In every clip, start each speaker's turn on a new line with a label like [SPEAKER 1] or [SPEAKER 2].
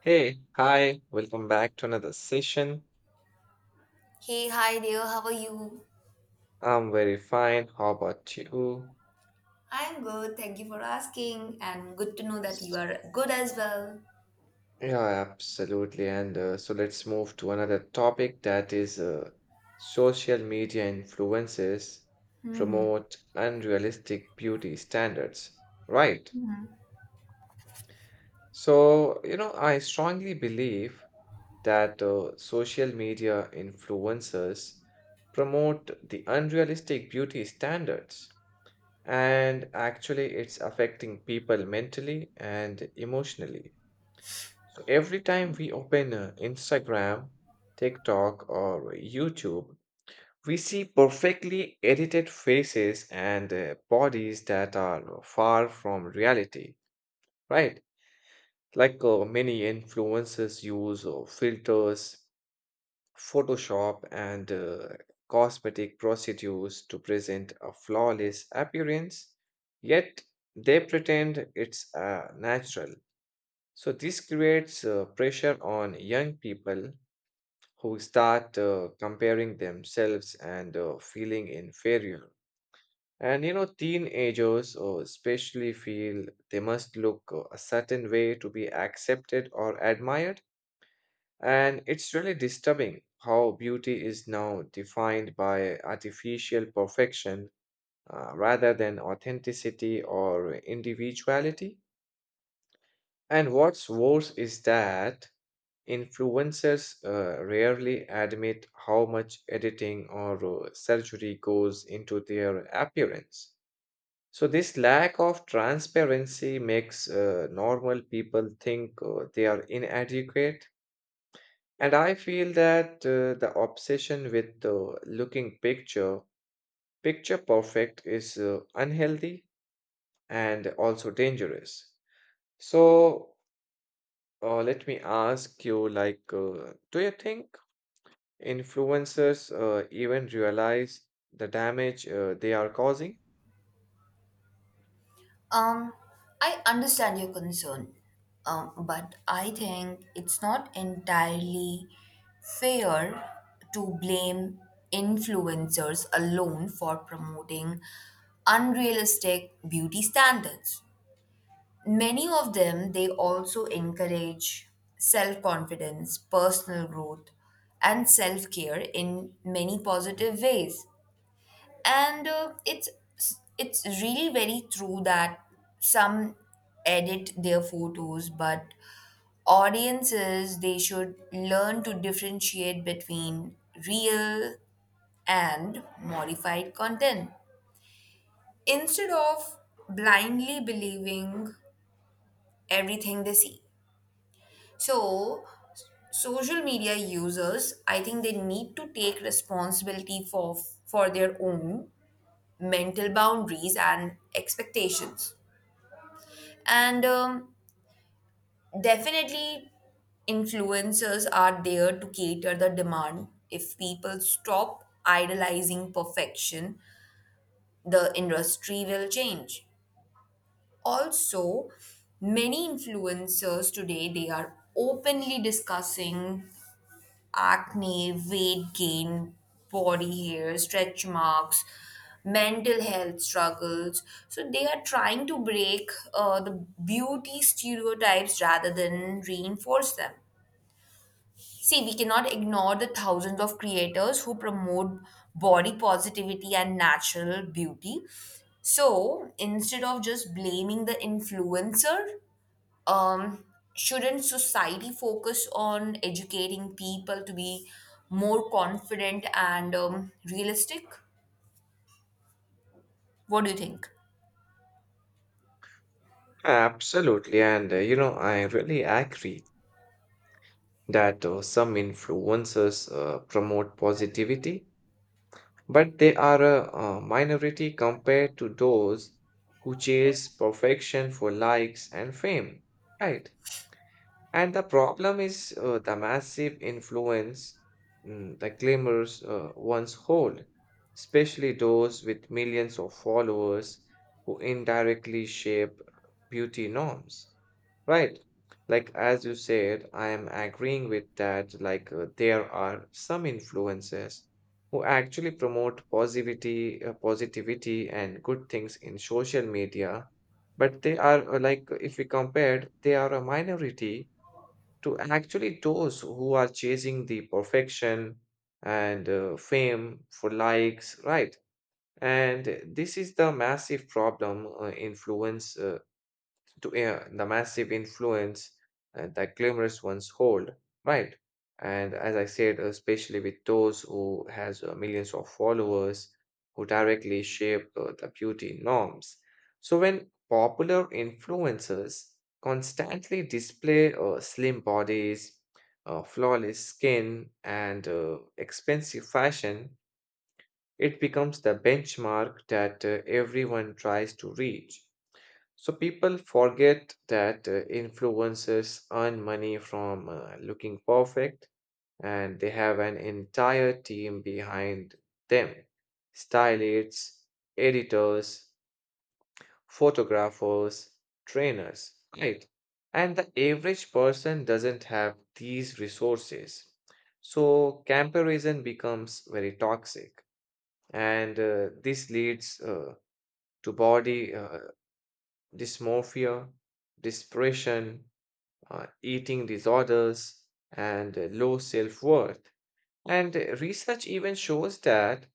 [SPEAKER 1] Hey, hi, welcome back to another session.
[SPEAKER 2] Hey, hi dear, how are you?
[SPEAKER 1] I'm very fine. How about you?
[SPEAKER 2] I'm good, thank you for asking, and good to know that you are good as well.
[SPEAKER 1] Yeah, absolutely. And so let's move to another topic, that is social media influences
[SPEAKER 2] hmm
[SPEAKER 1] promote unrealistic beauty standards. Right.
[SPEAKER 2] hmm
[SPEAKER 1] So, you know, I strongly believe that social media influencers promote the unrealistic beauty standards, and actually it's affecting people mentally and emotionally. So every time we open Instagram, TikTok, or YouTube, we see perfectly edited faces and bodies that are far from reality, right? Many influencers use filters, Photoshop, and cosmetic procedures to present a flawless appearance, yet they pretend it's natural. So, this creates pressure on young people who start comparing themselves and feeling inferior. And you know, teenagers especially feel they must look a certain way to be accepted or admired. And it's really disturbing how beauty is now defined by artificial perfection, rather than authenticity or individuality. And what's worse is that influencers rarely admit how much editing or surgery goes into their appearance. So, this lack of transparency makes normal people think they are inadequate. And I feel that the obsession with looking picture perfect is unhealthy and also dangerous. So let me ask you, like, do you think influencers even realize the damage they are causing?
[SPEAKER 2] Um, I understand your concern, but I think it's not entirely fair to blame influencers alone for promoting unrealistic beauty standards. Many of them, they also encourage self confidence, personal growth, and self care in many positive ways. And it's really very true that some edit their photos, but audiences they should learn to differentiate between real and modified content instead of blindly believing everything they see. So, social media users, I think they need to take responsibility for their own mental boundaries and expectations. And definitely, influencers are there to cater the demand. If people stop idolizing perfection, the industry will change. Also, many influencers today they are openly discussing acne, weight gain, body hair, stretch marks, mental health struggles. So they are trying to break the beauty stereotypes rather than reinforce them. See, we cannot ignore the thousands of creators who promote body positivity and natural beauty. So instead of just blaming the influencer, um, shouldn't society focus on educating people to be more confident and realistic? What do you think?
[SPEAKER 1] Absolutely. And you know, I really agree that some influencers promote positivity, but they are a minority compared to those who chase perfection for likes and fame, right? And the problem is the massive influence, the claimers once hold, especially those with millions of followers who indirectly shape beauty norms. Right. Like, as you said, I am agreeing with that. There are some influencers who actually promote positivity, positivity and good things in social media, but they are like, if we compared, they are a minority to actually those who are chasing the perfection and fame for likes, right? And this is the massive problem influence to the massive influence that glamorous ones hold, right? And as I said, especially with those who has millions of followers who directly shape the beauty norms. So when popular influencers constantly display slim bodies, flawless skin, and expensive fashion, it becomes the benchmark that everyone tries to reach. So people forget that influencers earn money from looking perfect, and they have an entire team behind them. Stylists, editors, photographers, trainers, right? And the average person doesn't have these resources. So comparison becomes very toxic. And this leads to body dysmorphia, depression, eating disorders, and low self worth. And research even shows that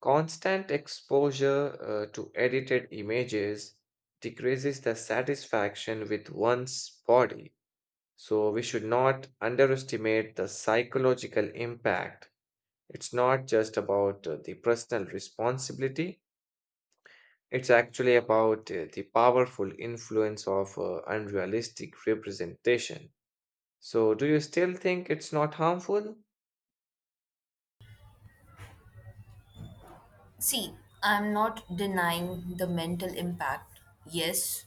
[SPEAKER 1] constant exposure to edited images decreases the satisfaction with one's body. So, we should not underestimate the psychological impact. It's not just about the personal responsibility, it's actually about the powerful influence of unrealistic representation. So, do you still think it's not harmful?
[SPEAKER 2] See, I'm not denying the mental impact. Yes,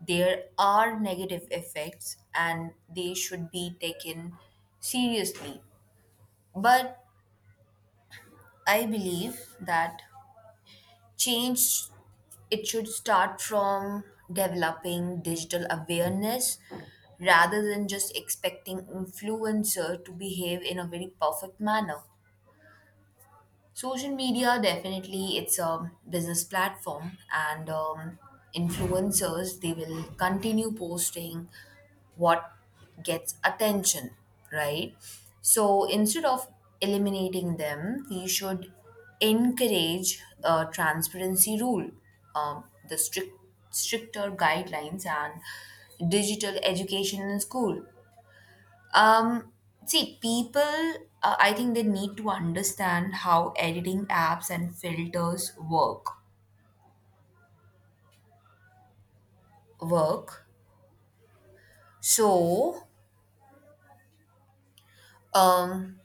[SPEAKER 2] there are negative effects and they should be taken seriously. But I believe that change it should start from developing digital awareness rather than just expecting influencer to behave in a very perfect manner. Social media definitely it's a business platform and influencers they will continue posting what gets attention, right? So instead of eliminating them, we should encourage a transparency rule, the strict stricter guidelines and digital education in school. um, See, people, I think they need to understand how editing apps and filters work. So, um,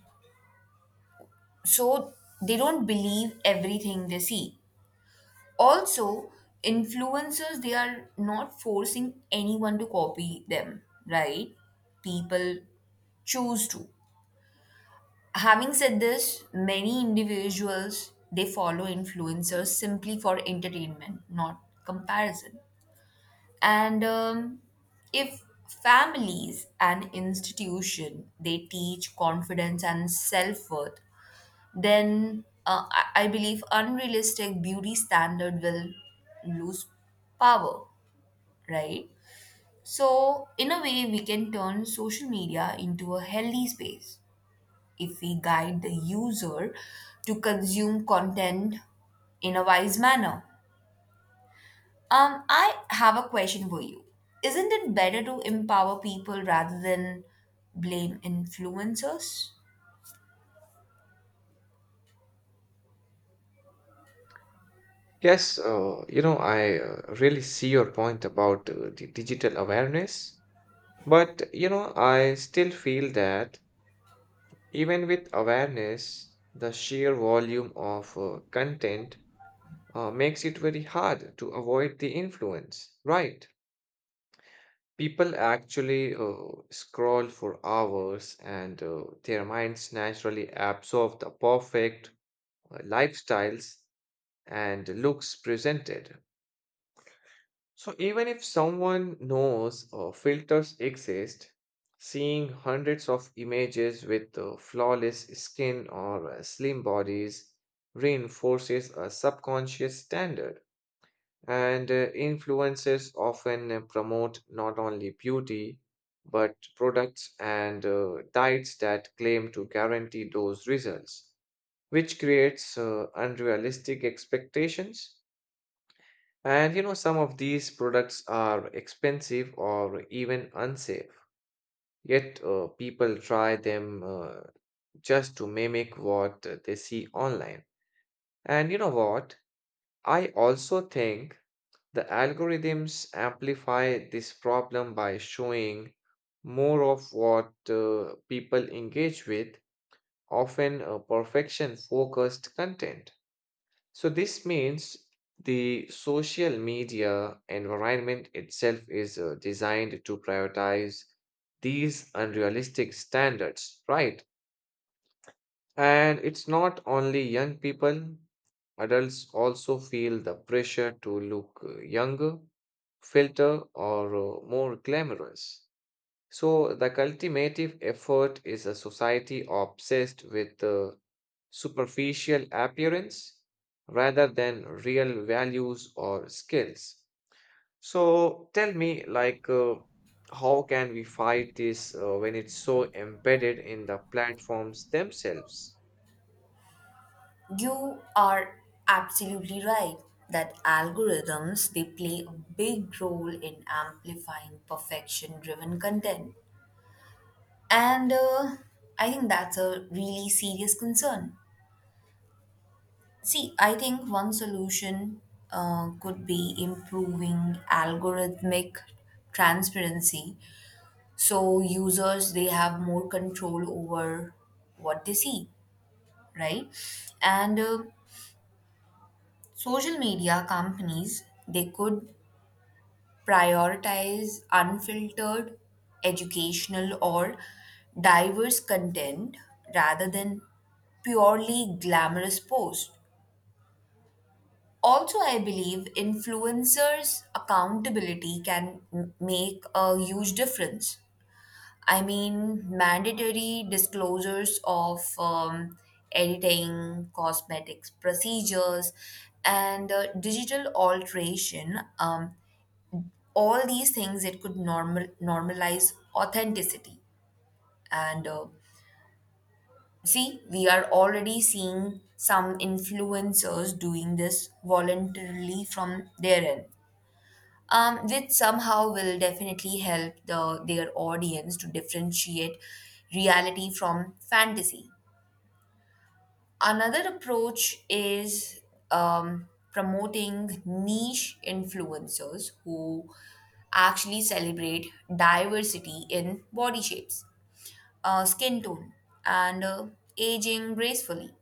[SPEAKER 2] so they don't believe everything they see. Also, influencers they are not forcing anyone to copy them, right? People choose to. Having said this, many individuals they follow influencers simply for entertainment, not comparison, and if families and institution they teach confidence and self-worth, then I believe unrealistic beauty standard will lose power, right? So in a way we can turn social media into a healthy space if we guide the user to consume content in a wise manner. I have a question for you. Isn't it better to empower people rather than blame influencers?
[SPEAKER 1] Yes, you know, I really see your point about the digital awareness, but you know, I still feel that even with awareness, the sheer volume of content makes it very hard to avoid the influence, right? People actually scroll for hours, and their minds naturally absorb the perfect lifestyles and looks presented. So even if someone knows filters exist, seeing hundreds of images with flawless skin or slim bodies reinforces a subconscious standard. And influencers often promote not only beauty, but products and diets that claim to guarantee those results, which creates unrealistic expectations. And you know, some of these products are expensive or even unsafe, yet people try them just to mimic what they see online. And you know what? I also think the algorithms amplify this problem by showing more of what people engage with, often perfection focused content. So this means the social media environment itself is designed to prioritize these unrealistic standards, right? And it's not only young people, adults also feel the pressure to look younger, filter, or more glamorous. So, the cultivative effort is a society obsessed with superficial appearance rather than real values or skills. So, tell me, like, how can we fight this when it's so embedded in the platforms themselves?
[SPEAKER 2] You are absolutely right that algorithms they play a big role in amplifying perfection driven content, and I think that's a really serious concern. See, I think one solution could be improving algorithmic transparency so users they have more control over what they see, right? And social media companies they could prioritize unfiltered, educational or diverse content rather than purely glamorous posts. Also I believe influencers accountability can make a huge difference. I mean, mandatory disclosures of editing, cosmetics procedures, and digital alteration. All these things it could normalize authenticity. And see, we are already seeing some influencers doing this voluntarily from their end. Which somehow will definitely help the their audience to differentiate reality from fantasy. Another approach is promoting niche influencers who actually celebrate diversity in body shapes, skin tone, and aging gracefully.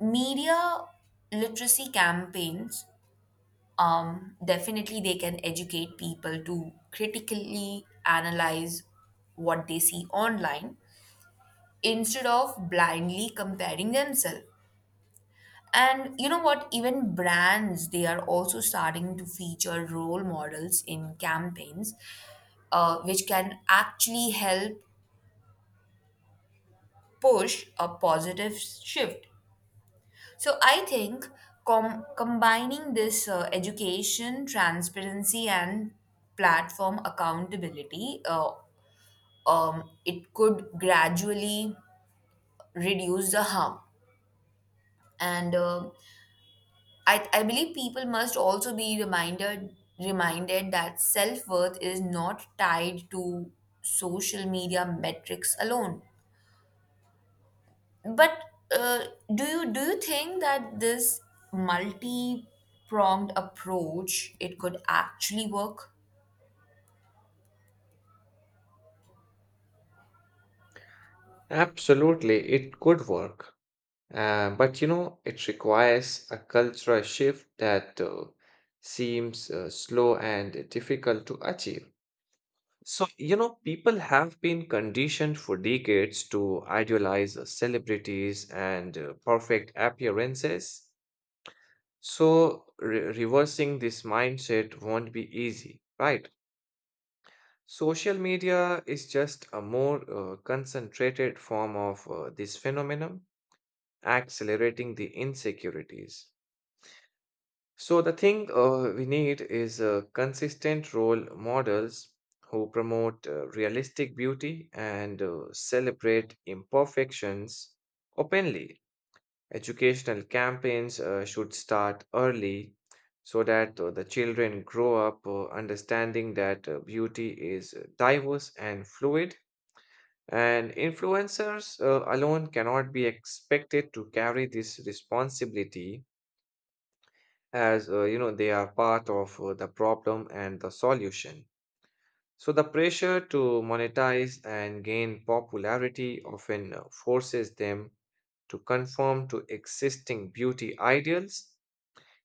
[SPEAKER 2] Media literacy campaigns, definitely they can educate people to critically analyze what they see online instead of blindly comparing themselves. And you know what, even brands they are also starting to feature role models in campaigns, which can actually help push a positive shift. So I think combining this education, transparency, and platform accountability, it could gradually reduce the harm. And I believe people must also be reminded that self worth is not tied to social media metrics alone. But uh, do you think that this multi-pronged approach it could actually work?
[SPEAKER 1] Absolutely, it could work. But you know, it requires a cultural shift that seems slow and difficult to achieve. So, you know, people have been conditioned for decades to idealize celebrities and perfect appearances. So, reversing this mindset won't be easy, right? Social media is just a more concentrated form of this phenomenon, accelerating the insecurities. So the thing we need is consistent role models who promote realistic beauty and celebrate imperfections openly. Educational campaigns should start early so that the children grow up understanding that beauty is diverse and fluid. And influencers alone cannot be expected to carry this responsibility, as you know, they are part of the problem and the solution. So the pressure to monetize and gain popularity often forces them to conform to existing beauty ideals.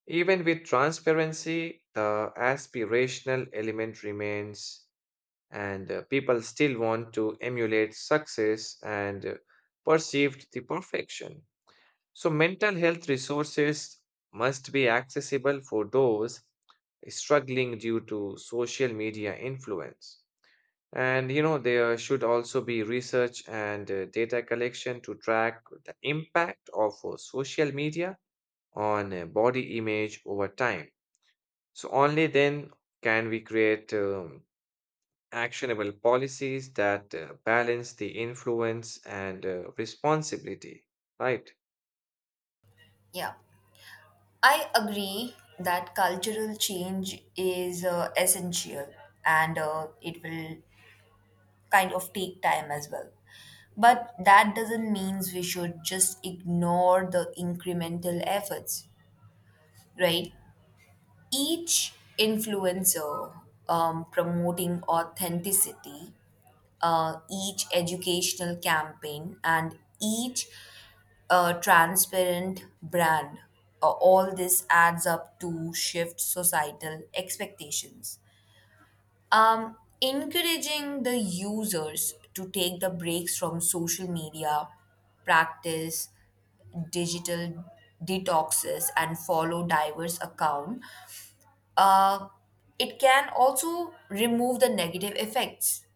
[SPEAKER 1] Even with transparency, the aspirational element remains, and people still want to emulate success and perceived the perfection. So, mental health resources must be accessible for those struggling due to social media influence. And you know, there should also be research and data collection to track the impact of social media on body image over time. So, only then can we create actionable policies that balance the influence and responsibility, right?
[SPEAKER 2] Yeah, I agree that cultural change is essential, and it will kind of take time as well. But that doesn't mean we should just ignore the incremental efforts, right? Each influencer promoting authenticity, each educational campaign, and each transparent brand. All this adds up to shift societal expectations. Encouraging the users to take the breaks from social media, practice digital detoxes, and follow diverse account. Uh, it can also remove the negative effects,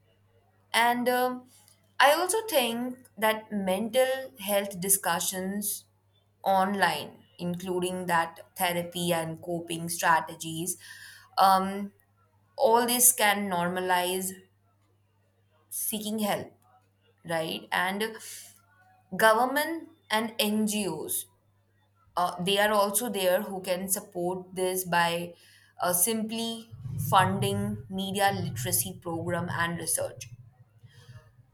[SPEAKER 2] and I also think that mental health discussions online, including that therapy and coping strategies, um, all this can normalize seeking help, right? And government and NGOs, they are also there who can support this by simply funding media literacy program and research.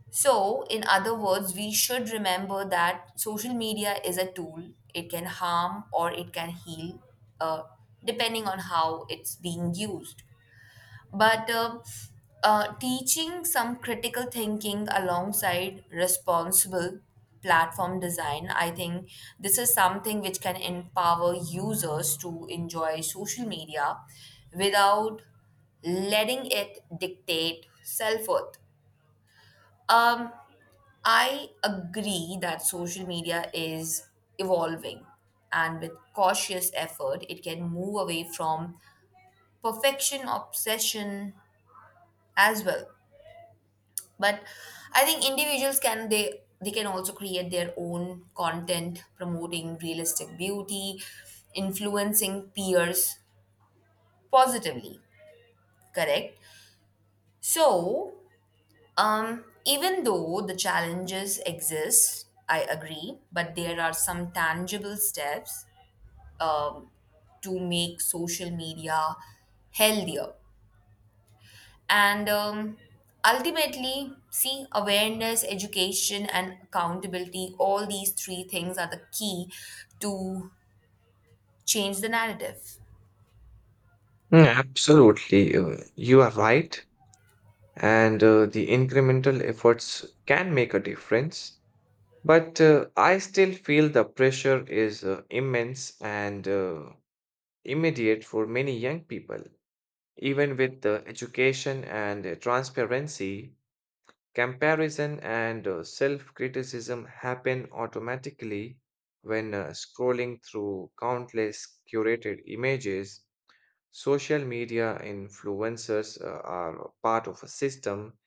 [SPEAKER 2] So, in other words, we should remember that social media is a tool. It can harm or it can heal, uh, depending on how it's being used. But teaching some critical thinking alongside responsible platform design, I think this is something which can empower users to enjoy social media without letting it dictate self worth. Um, I agree that social media is evolving, and with cautious effort, it can move away from perfection obsession as well. But I think individuals can they can also create their own content promoting realistic beauty, influencing peers positively. Correct. So, even though the challenges exist, I agree, but there are some tangible steps um, to make social media healthier. And ultimately, see, awareness, education, and accountability, all these three things are the key to change the narrative.
[SPEAKER 1] Absolutely, you are right, and the incremental efforts can make a difference. But I still feel the pressure is immense and immediate for many young people. Even with the education and transparency, comparison and self-criticism happen automatically when scrolling through countless curated images. Social media influencers are part of a system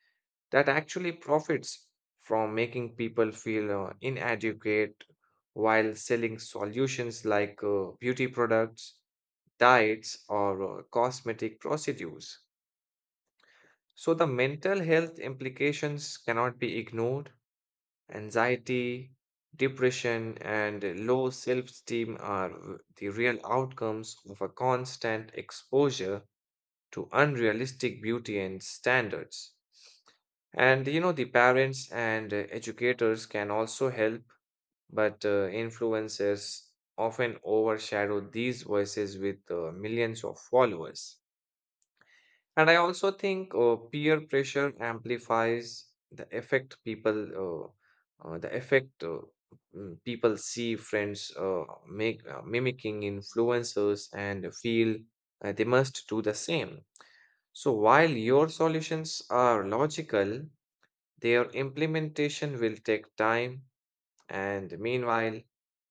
[SPEAKER 1] that actually profits from making people feel inadequate while selling solutions like beauty products, diets, or cosmetic procedures. So, the mental health implications cannot be ignored. Anxiety, depression, and low self esteem are the real outcomes of a constant exposure to unrealistic beauty and standards. And you know, the parents and educators can also help, but influencers often overshadow these voices with millions of followers. And I also think peer pressure amplifies the effect people, the effect mm, People see friends make mimicking influencers and feel they must do the same. So while your solutions are logical, their implementation will take time, and meanwhile,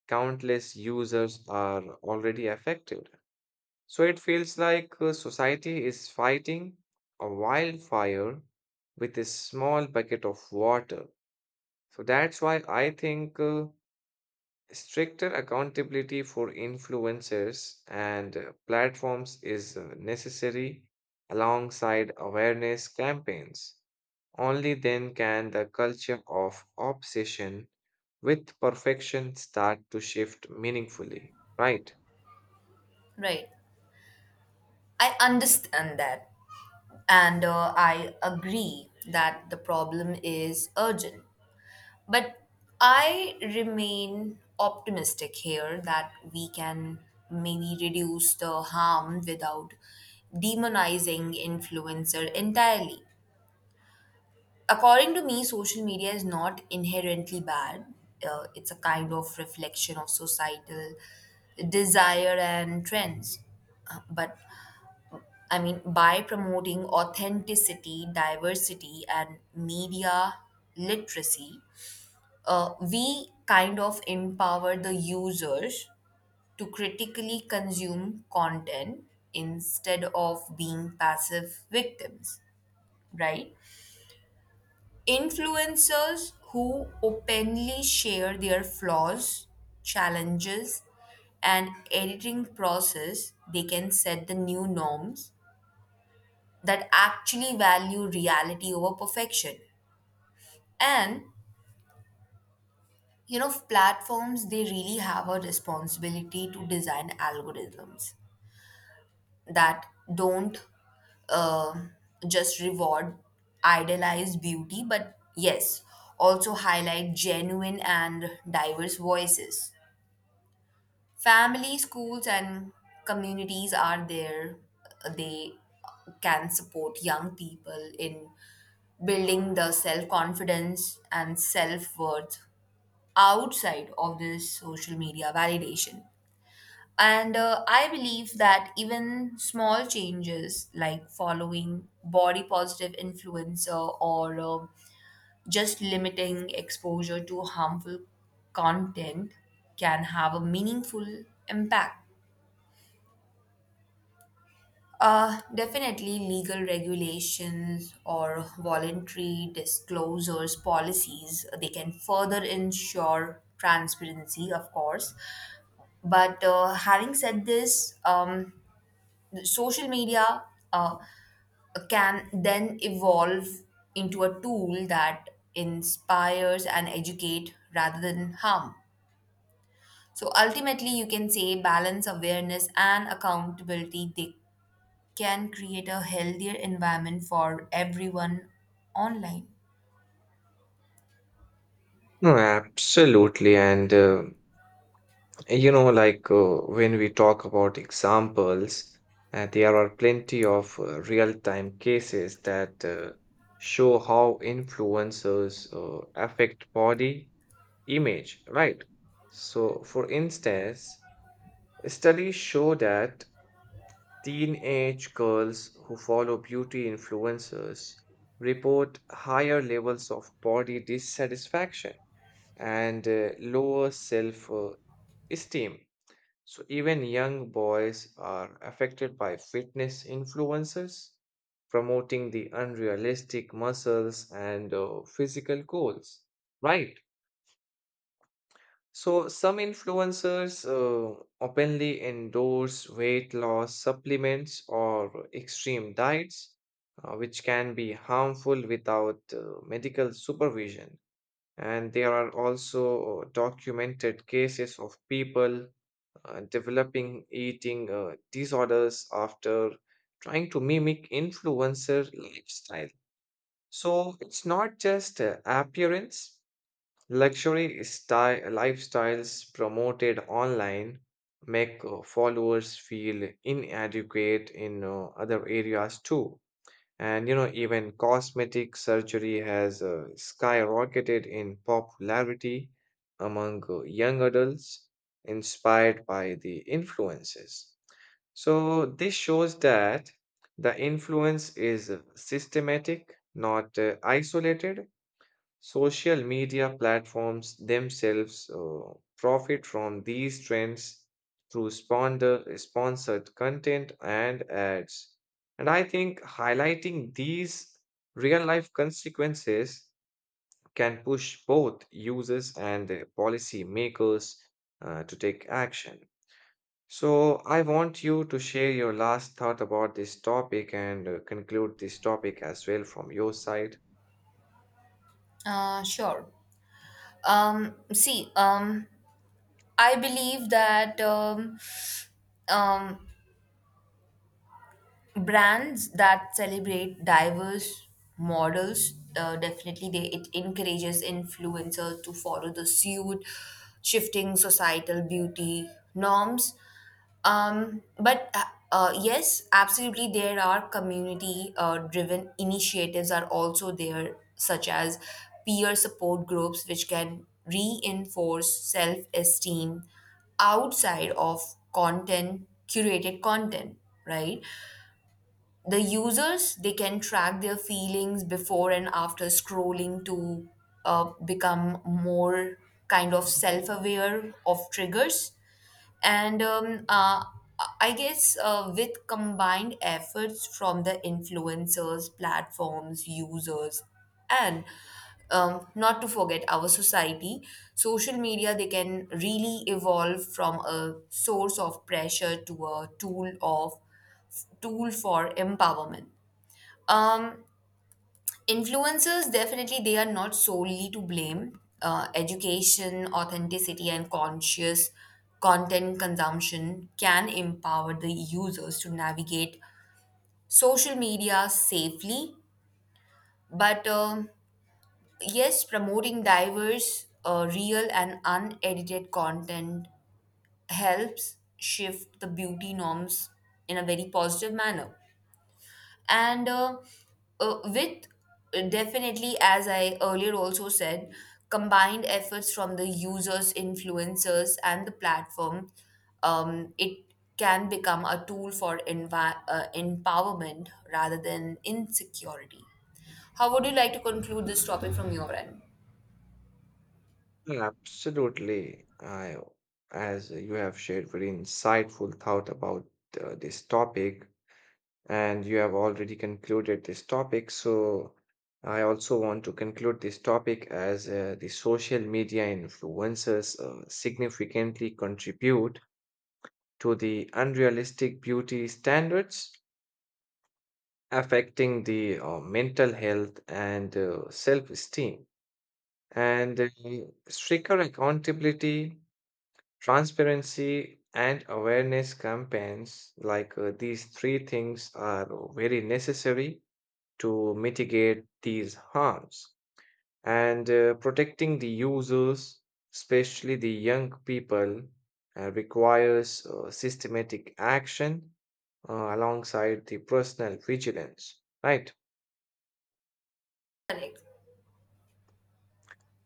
[SPEAKER 1] countless users are already affected. So it feels like society is fighting a wildfire with a small bucket of water. So that's why I think stricter accountability for influencers and platforms is necessary alongside awareness campaigns. Only then can the culture of obsession with perfection start to shift meaningfully, right?
[SPEAKER 2] Right. I understand that. And I agree that the problem is urgent. But I remain optimistic here that we can maybe reduce the harm without demonizing influencer entirely. According to me, social media is not inherently bad. It's a kind of reflection of societal desire and trends. But I mean, by promoting authenticity, diversity, and media literacy, we kind of empower the users to critically consume content instead of being passive victims, right? Influencers who openly share their flaws, challenges, and editing process, they can set the new norms that actually value reality over perfection. And you know, platforms they really have a responsibility to design algorithms that don't um just reward idealized beauty, but yes, also highlight genuine and diverse voices. Family, schools and communities are there, they can support young people in building the self confidence and self worth outside of this social media validation. And I believe that even small changes like following body positive influencer, or just limiting exposure to harmful content, can have a meaningful impact. Definitely, legal regulations or voluntary disclosures policies they can further ensure transparency, of course. But having said this, social media uh, can then evolve into a tool that inspires and educate rather than harm. So ultimately, you can say balance, awareness, and accountability. They can create a healthier environment for everyone online.
[SPEAKER 1] No, absolutely. And you know, when we talk about examples, there are plenty of real-time cases that show how influencers affect body image, right? So, for instance, studies show that teenage girls who follow beauty influencers report higher levels of body dissatisfaction and lower self-esteem. So even young boys are affected by fitness influences, promoting the unrealistic muscles and physical goals. Right. So some influencers openly endorse weight loss supplements or extreme diets, which can be harmful without medical supervision. And there are also documented cases of people developing eating disorders after trying to mimic influencer lifestyle. So it's not just appearance, luxury style lifestyles promoted online make followers feel inadequate in other areas too. And you know, even cosmetic surgery has skyrocketed in popularity among young adults, inspired by the influences. So, this shows that the influence is systematic, not isolated. Social media platforms themselves profit from these trends through sponsored content and ads. And I think highlighting these real life consequences can push both users and policy makers to take action. So, I want you to share your last thought about this topic and conclude this topic as well from your side.
[SPEAKER 2] Sure. See, I believe that um, brands that celebrate diverse models, definitely they it encourages influencers to follow the suit, shifting societal beauty norms. But Yes, absolutely, there are community driven initiatives are also there, such as peer support groups which can reinforce self esteem outside of content curated content, right? The users they can track their feelings before and after scrolling to become more kind of self-aware of triggers. And I guess with combined efforts from the influencers, platforms, users, and not to forget our society, social media they can really evolve from a source of pressure to a tool for empowerment. Um, Influencers definitely they are not solely to blame. Education, authenticity, and conscious content consumption can empower the users to navigate social media safely. But yes, promoting diverse, real, and unedited content helps shift the beauty norms in a very positive manner. And with Definitely, as I earlier also said, combined efforts from the users, influencers and the platform, it can become a tool for empowerment rather than insecurity. How would you like to conclude this topic from your end?
[SPEAKER 1] Yeah, absolutely. I, as you have shared very insightful thought about this topic, and you have already concluded this topic. So, I also want to conclude this topic as the social media influencers significantly contribute to the unrealistic beauty standards, affecting the mental health and self-esteem. And stricter accountability, transparency, and awareness campaigns, like these three things are very necessary to mitigate these harms. And protecting the users, especially the young people, requires systematic action alongside the personal vigilance, right?
[SPEAKER 2] Correct.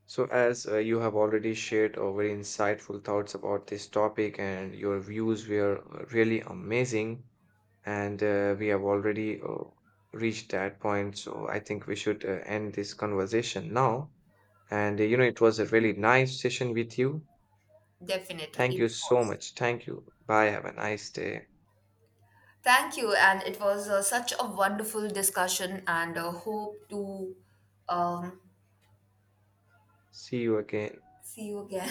[SPEAKER 1] So, as you have already shared very insightful thoughts about this topic, and your views were really amazing. And we have already reached that point, so I think we should end this conversation now. And you know, it was a really nice session with you.
[SPEAKER 2] Definitely
[SPEAKER 1] Thank
[SPEAKER 2] it
[SPEAKER 1] you so
[SPEAKER 2] falls.
[SPEAKER 1] much. Thank you. Bye. Have a nice day.
[SPEAKER 2] Thank you, and it was such a wonderful discussion, and hope to um,
[SPEAKER 1] See you again.
[SPEAKER 2] see you again.